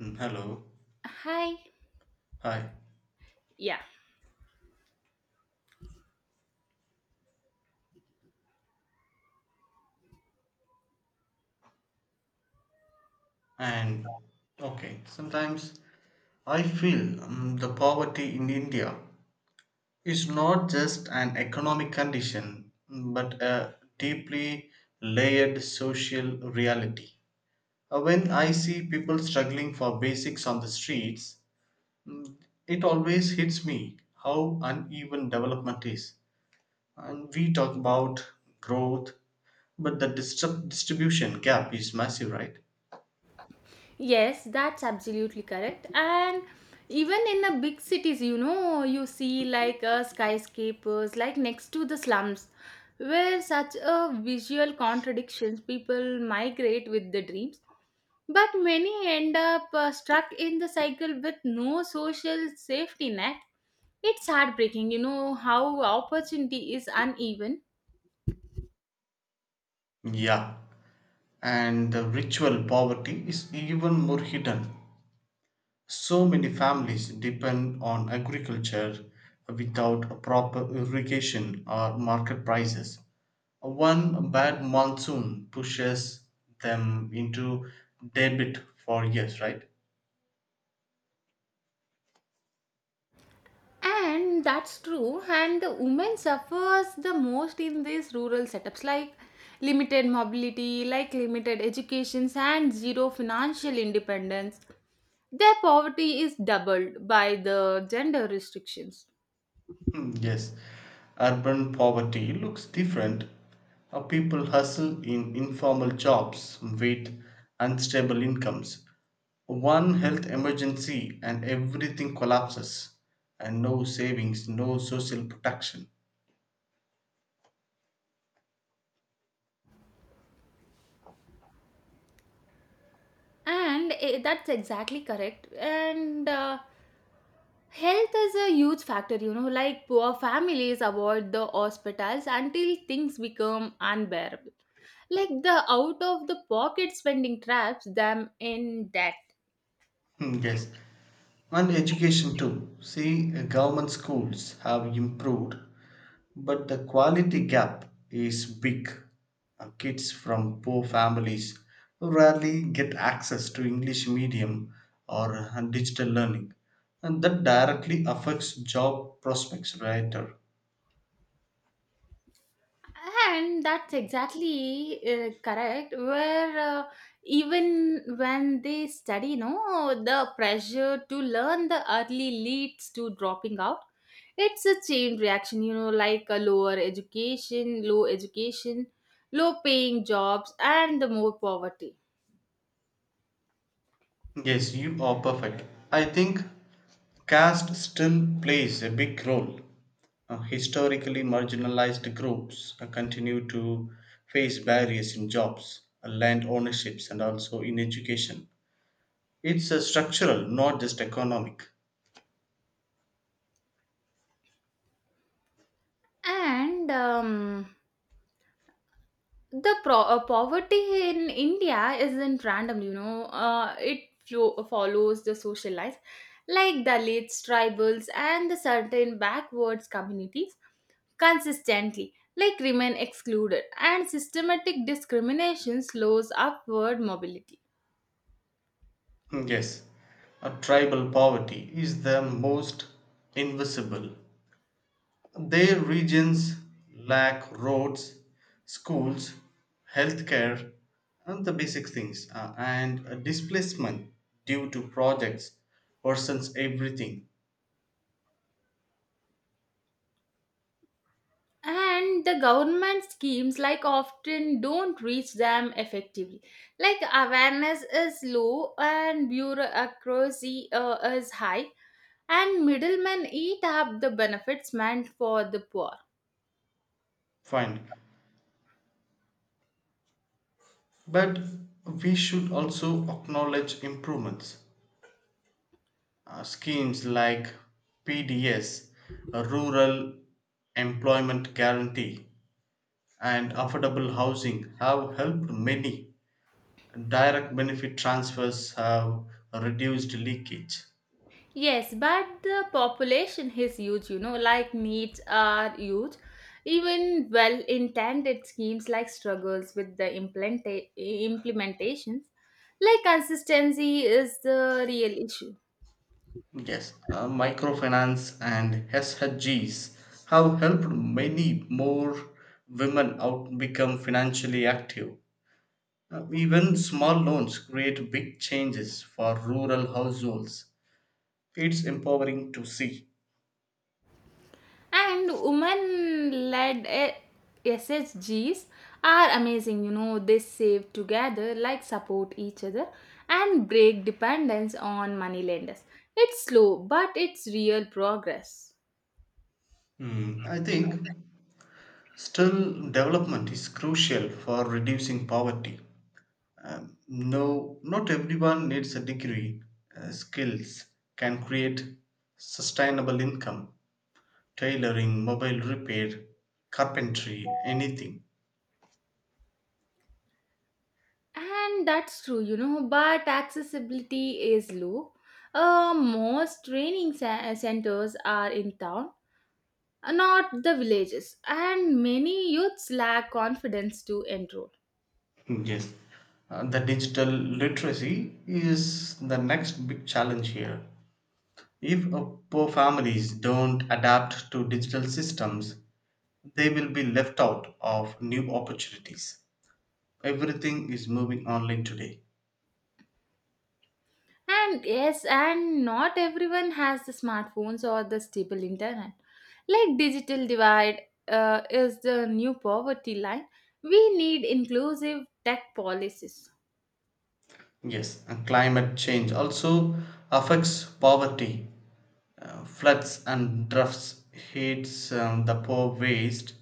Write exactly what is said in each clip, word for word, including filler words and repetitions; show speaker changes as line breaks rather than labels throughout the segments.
Mm, Hello.
Hi.
Hi.
Yeah.
And okay, Sometimes I feel um, the poverty in India is not just an economic condition, mm, but a deeply layered social reality. Uh, When I see people struggling for basics on the streets, mm, it always hits me how uneven development is. And we talk about growth, but the distri- distribution gap is massive, right?
Yes, that's absolutely correct. And even in the big cities, you know, you see like uh, skyscrapers, like next to the slums, where such a visual contradictions, people migrate with the dreams. But many end up uh, stuck in the cycle with no social safety net. It's heartbreaking, you know, how opportunity is uneven.
Yeah, and the ritual poverty is even more hidden. So many families depend on agriculture without a proper irrigation or market prices. One bad monsoon pushes them into debit for years, right?
And that's true, and the women suffers the most in these rural setups, like limited mobility, like limited educations and zero financial independence. Their poverty is doubled by the gender restrictions.
Hmm, yes, urban poverty looks different. Uh, people hustle in informal jobs with unstable incomes. One health emergency and everything collapses, and no savings, no social protection.
And eh, that's exactly correct. And uh, health is a huge factor, you know, like poor families avoid the hospitals until things become unbearable. Like the out of the pocket spending traps them in debt.
Hmm, yes, and education too. See, uh, government schools have improved, but the quality gap is big. Uh, Kids from poor families rarely get access to English medium or uh, digital learning, and that directly affects job prospects later.
And that's exactly uh, correct. Where uh, even when they study, you know, the pressure to learn the early leads to dropping out. It's a chain reaction, you know, like a lower education, low education, low paying jobs, and the more poverty.
Yes, you are perfect. I think caste still plays a big role. Uh, historically marginalized groups uh, continue to face barriers in jobs, uh, land ownerships, and also in education. It's a structural, not just economic.
And um, the pro- uh, poverty in india isn't random, you know, uh, it flo- follows the social life, like dalits, tribals, and the certain backwards communities consistently, like, remain excluded, and systematic discrimination slows upward mobility.
Hmm, yes, a tribal poverty is the most invisible. Their regions lack roads, schools, healthcare, and the basic things. Uh, and a displacement due to projects worsens everything.
And the government schemes like often don't reach them effectively, like awareness is low and bureaucracy uh, is high, and middlemen eat up the benefits meant for the poor.
Fine. But we should also acknowledge improvements. Uh, schemes like P D S, uh, Rural Employment Guarantee, and affordable housing have helped many. Direct benefit transfers have reduced leakage.
Yes, but the population is huge, you know, like needs are huge. Even well intended schemes like struggles with the implementa- implementations, like consistency is the real issue.
Yes, uh, microfinance and S H Gs have helped many more women out become financially active. Uh, even small loans create big changes for rural households. It's empowering to see.
And women led S S Gs are amazing, you know, they save together, like support each other, and break dependence on money lenders. It's slow, but it's real progress.
Hmm, I think still development is crucial for reducing poverty. Um, no, not everyone needs a degree. Uh, skills can create sustainable income, tailoring, mobile repair, carpentry, anything.
And that's true, you know, but accessibility is low. Uh, most training ce- eh, centers are in town, not the villages, and many youths lack confidence to enroll.
Hmm, yes, Uh, the digital literacy is the next big challenge here. If uh, poor families don't adapt to digital systems, they will be left out of new opportunities. Everything is moving online today.
And yes, and not everyone has the smartphones or the stable internet. Like digital divide uh, is the new poverty line. We need inclusive tech policies.
Yes, and climate change also affects poverty. Uh, floods and droughts hits um, the poor waste.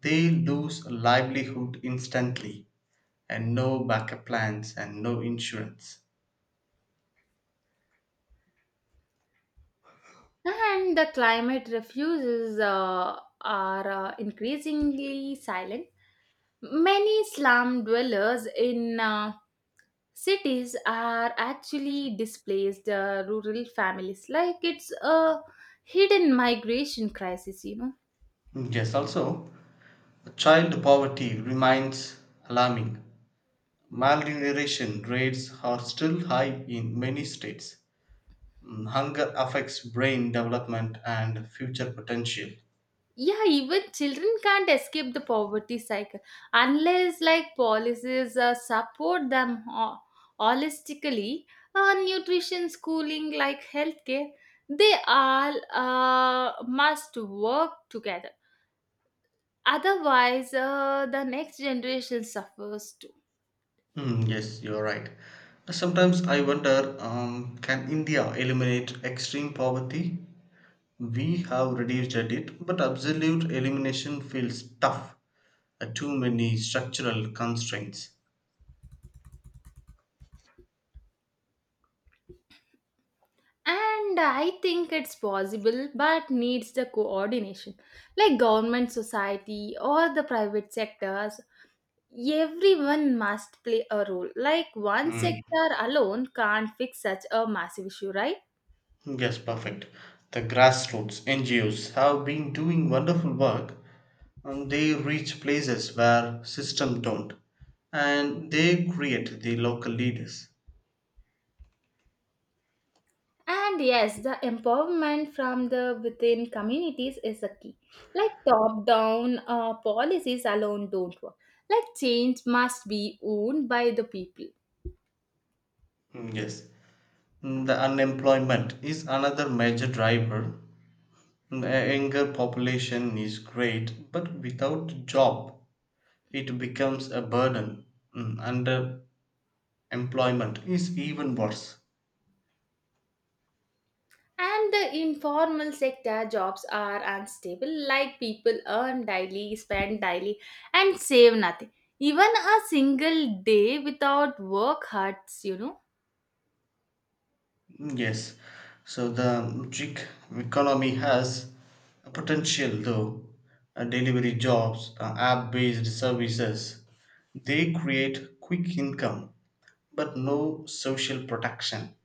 They lose livelihood instantly, and no backup plans and no insurance.
And the climate refuges uh, are uh, increasingly silent. Many slum dwellers in uh, cities are actually displaced uh, rural families. Like it's a hidden migration crisis, you know.
Yes, also child poverty remains alarming. Malnutrition rates are still high in many states. Mm, Hunger affects brain development and future potential.
Yeah, even children can't escape the poverty cycle unless like policies uh, support them ho- holistically. Uh, nutrition, schooling, like healthcare, they all uh, must work together. Otherwise, uh, the next generation suffers too.
Mm, yes, you're right. Sometimes I wonder, um, can India eliminate extreme poverty? We have reduced it, but absolute elimination feels tough. Uh, too many structural constraints.
And I think it's possible, but needs the coordination, like government, society, or the private sectors, everyone must play a role. Like one
Hmm.
sector alone can't fix such a massive issue, right?
Yes, perfect. The grassroots N G Os have been doing wonderful work and they reach places where systems don't, and they create the local leaders.
And yes, the empowerment from the within communities is a key. Like top down uh, policies alone don't work. Like change must be owned by the people.
Mm, yes. Mm, The unemployment is another major driver. The a younger population is great, but without job it becomes a burden. Mm, Underemployment is even worse.
And the informal sector jobs are unstable, like people earn daily, spend daily, and save nothing. Even a single day without work hurts, you know.
Yes, so the gig economy has a potential though. Uh, delivery jobs, uh, app based services, they create quick income but no social protection.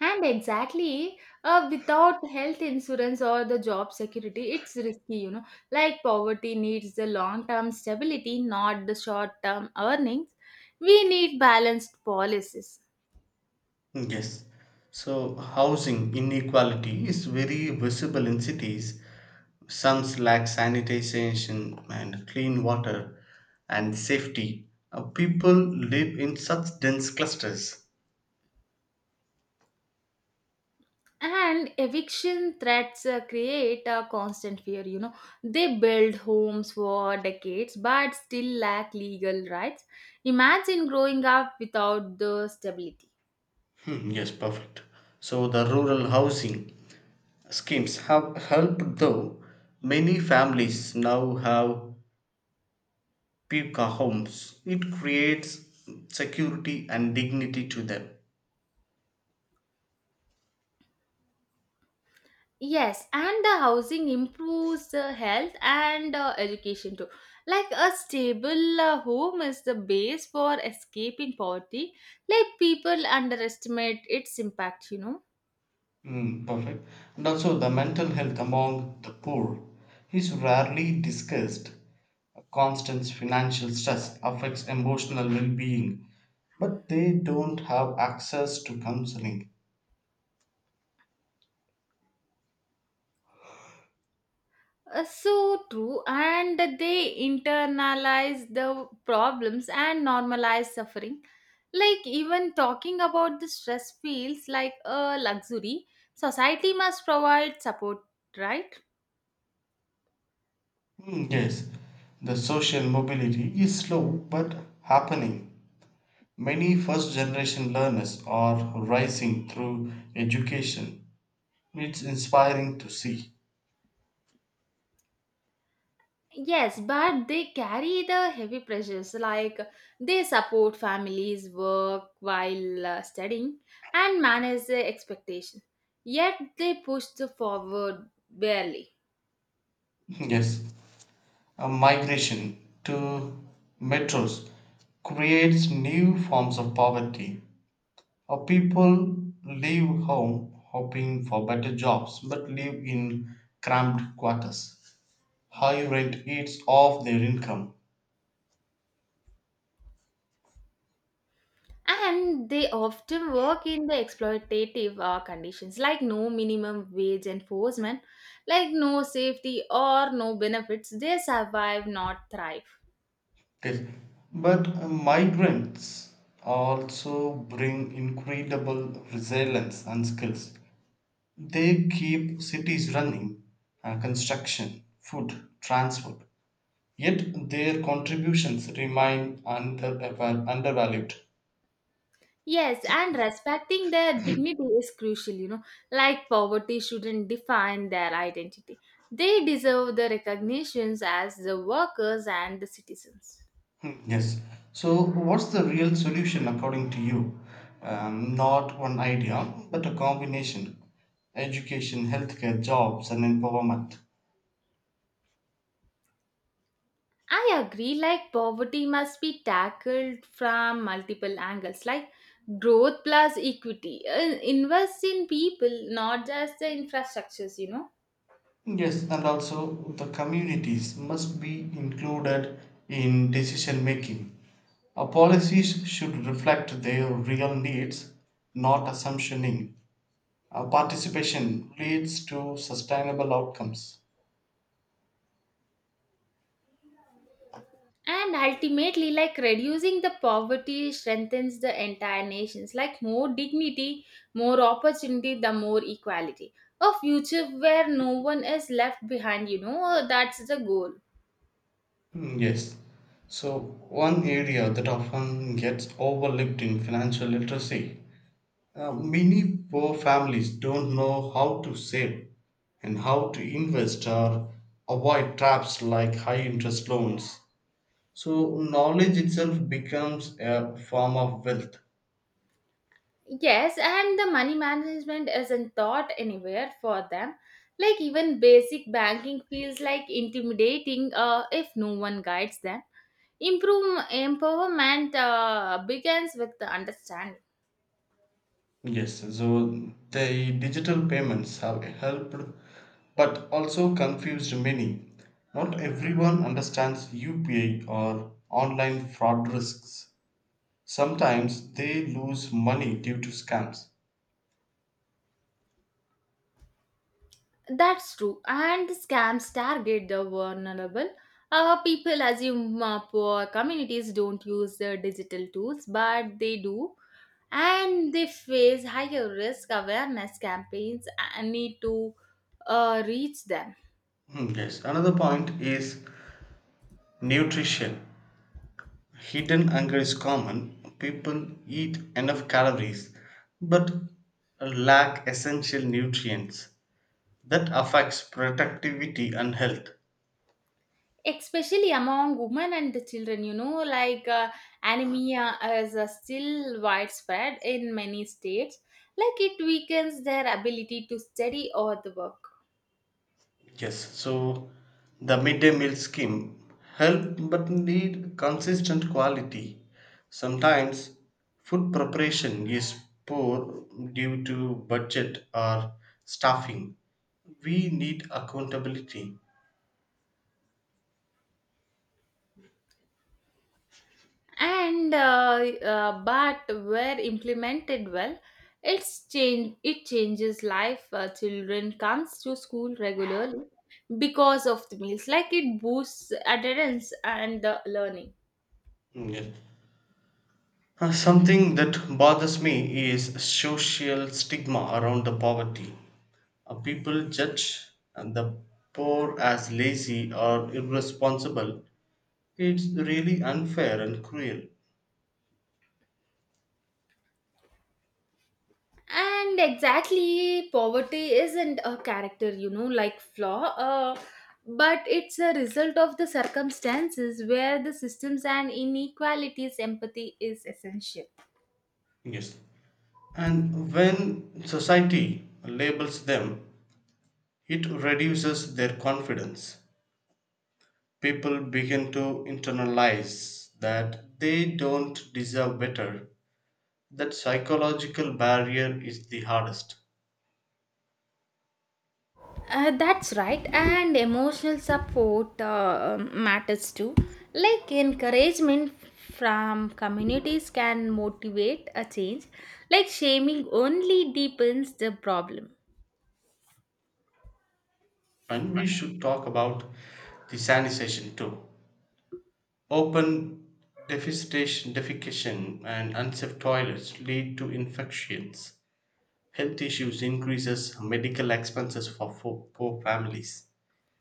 And exactly, uh, without health insurance or the job security, it's risky, you know. Like poverty needs the long term stability, not the short term earnings. We need balanced policies.
Hmm, yes, so housing inequality is very visible in cities. Some lack sanitation and clean water and safety. Uh, people live in such dense clusters.
And eviction threats uh, create a constant fear, you know. They build homes for decades but still lack legal rights. Imagine growing up without the stability.
Hmm, yes, perfect. So the rural housing schemes have helped though many families now have pika homes. It creates security and dignity to them.
Yes, and the housing improves the health and uh, education too. Like a stable uh, home is the base for escaping poverty. Like people underestimate its impact, you know.
Hmm, perfect. And also the mental health among the poor is rarely discussed. Constant financial stress affects emotional well-being, but they don't have access to counseling.
Uh, so true, and they internalize the problems and normalize suffering. Like even talking about the stress feels like a luxury. Society must provide support, right?
Mm, yes, the social mobility is slow but happening. Many first generation learners are rising through education. It's inspiring to see.
Yes, but they carry the heavy pressures, like they support families, work while uh, studying, and manage the expectation. Yet they push the forward barely.
Yes, a migration to metros creates new forms of poverty. Or people leave home hoping for better jobs but live in cramped quarters. High rent eats off their income.
And they often work in the exploitative uh, conditions, like no minimum wage enforcement, like no safety or no benefits. They survive, not thrive.
Okay. But uh, migrants also bring incredible resilience and skills. They keep cities running, uh, construction, food, transport. Yet their contributions remain under, undervalued.
Yes, and respecting their dignity is crucial, you know, like poverty shouldn't define their identity. They deserve the recognitions as the workers and the citizens.
Hmm, yes. So, what's the real solution according to you? Um, not one idea, but a combination, education, healthcare, jobs, and empowerment.
I agree, like poverty must be tackled from multiple angles, like growth plus equity. Uh, invest in people, not just the infrastructures, you know.
Yes, and also the communities must be included in decision making. Our policies should reflect their real needs, not assumptioning. Our participation leads to sustainable outcomes.
And ultimately, like, reducing the poverty strengthens the entire nations, like more dignity, more opportunity, the more equality, a future where no one is left behind, you know, that's the goal.
Mm, yes. So, one area that often gets overlooked in financial literacy. Uh, many poor families don't know how to save and how to invest or avoid traps like high interest loans. So, knowledge itself becomes a form of wealth.
Yes, and the money management isn't taught anywhere for them, like even basic banking feels like intimidating uh, if no one guides them. Improve empowerment uh, begins with the understanding.
Yes, so the digital payments have helped but also confused many. Not everyone understands U P I or online fraud risks. Sometimes they lose money due to scams.
That's true. And the scams target the vulnerable. Uh, people assume uh, poor communities don't use the digital tools, but they do. And they face higher risk awareness campaigns and need to uh, reach them.
Hmm, yes, another point is nutrition. Hidden hunger is common. People eat enough calories but lack essential nutrients. That affects productivity and health.
Especially among women and the children, you know, like uh, anemia is uh, still widespread in many states, like it weakens their ability to study or the work.
Yes, so the midday meal scheme help but need consistent quality. Sometimes food preparation is poor due to budget or staffing. We need accountability.
And uh, uh, but where implemented well, it's change it changes life. Uh, children comes to school regularly because of the meals, like it boosts adherence and uh, learning.
Mm, yeah. Uh, Something that bothers me is social stigma around the poverty. Uh, People judge and the poor as lazy or irresponsible. It's really unfair and cruel.
And exactly, poverty isn't a character, you know, like flaw, uh, but it's a result of the circumstances where the systems and inequalities empathy is essential.
Yes. And when society labels them, it reduces their confidence. People begin to internalize that they don't deserve better. That psychological barrier is the hardest.
Uh, that's right, and emotional support uh, um, matters too. Like encouragement from communities can motivate a change, like shaming only deepens the problem.
And we should talk about the sanitation too. Open defecation, defecation and unsafe toilets lead to infections. Health issues increases medical expenses for fo- poor families.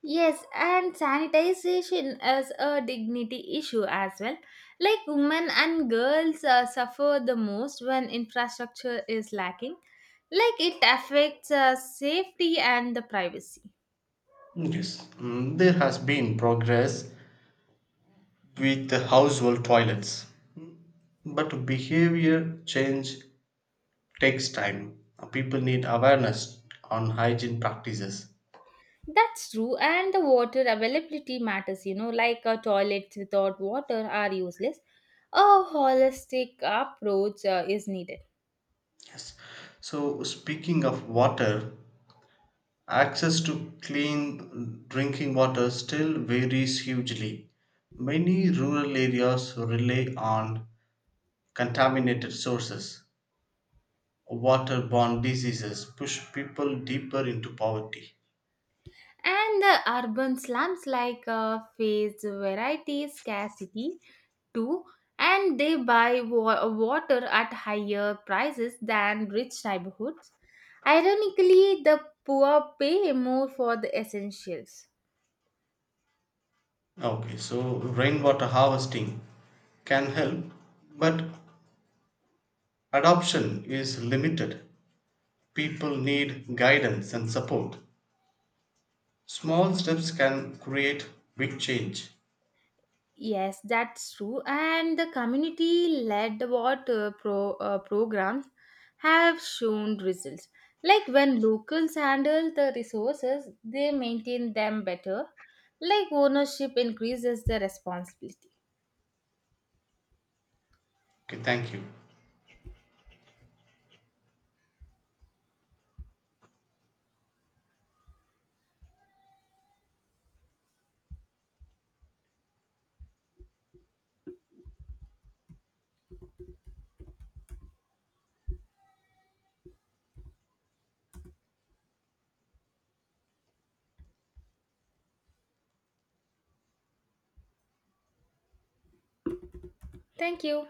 Yes, and sanitization is a dignity issue as well. Like women and girls uh, suffer the most when infrastructure is lacking, like it affects uh, safety and the privacy.
Yes, mm, there has been progress with the household toilets, but behavior change takes time. People need awareness on hygiene practices.
That's true, and the water availability matters, you know, like uh, toilets without water are useless. A holistic approach uh, is needed.
Yes. So speaking of water, access to clean drinking water still varies hugely. Many rural areas rely on contaminated sources. Waterborne diseases push people deeper into poverty.
And the urban slums like uh, face variety scarcity too, and they buy wa- water at higher prices than rich neighborhoods. Ironically, the poor pay more for the essentials.
Okay, so rainwater harvesting can help, but adoption is limited. People need guidance and support. Small steps can create big change.
Yes, that's true. And the community-led what uh, pro uh, programs have shown results. Like when locals handle the resources, they maintain them better. Like ownership increases the responsibility.
Okay, thank you.
Thank you.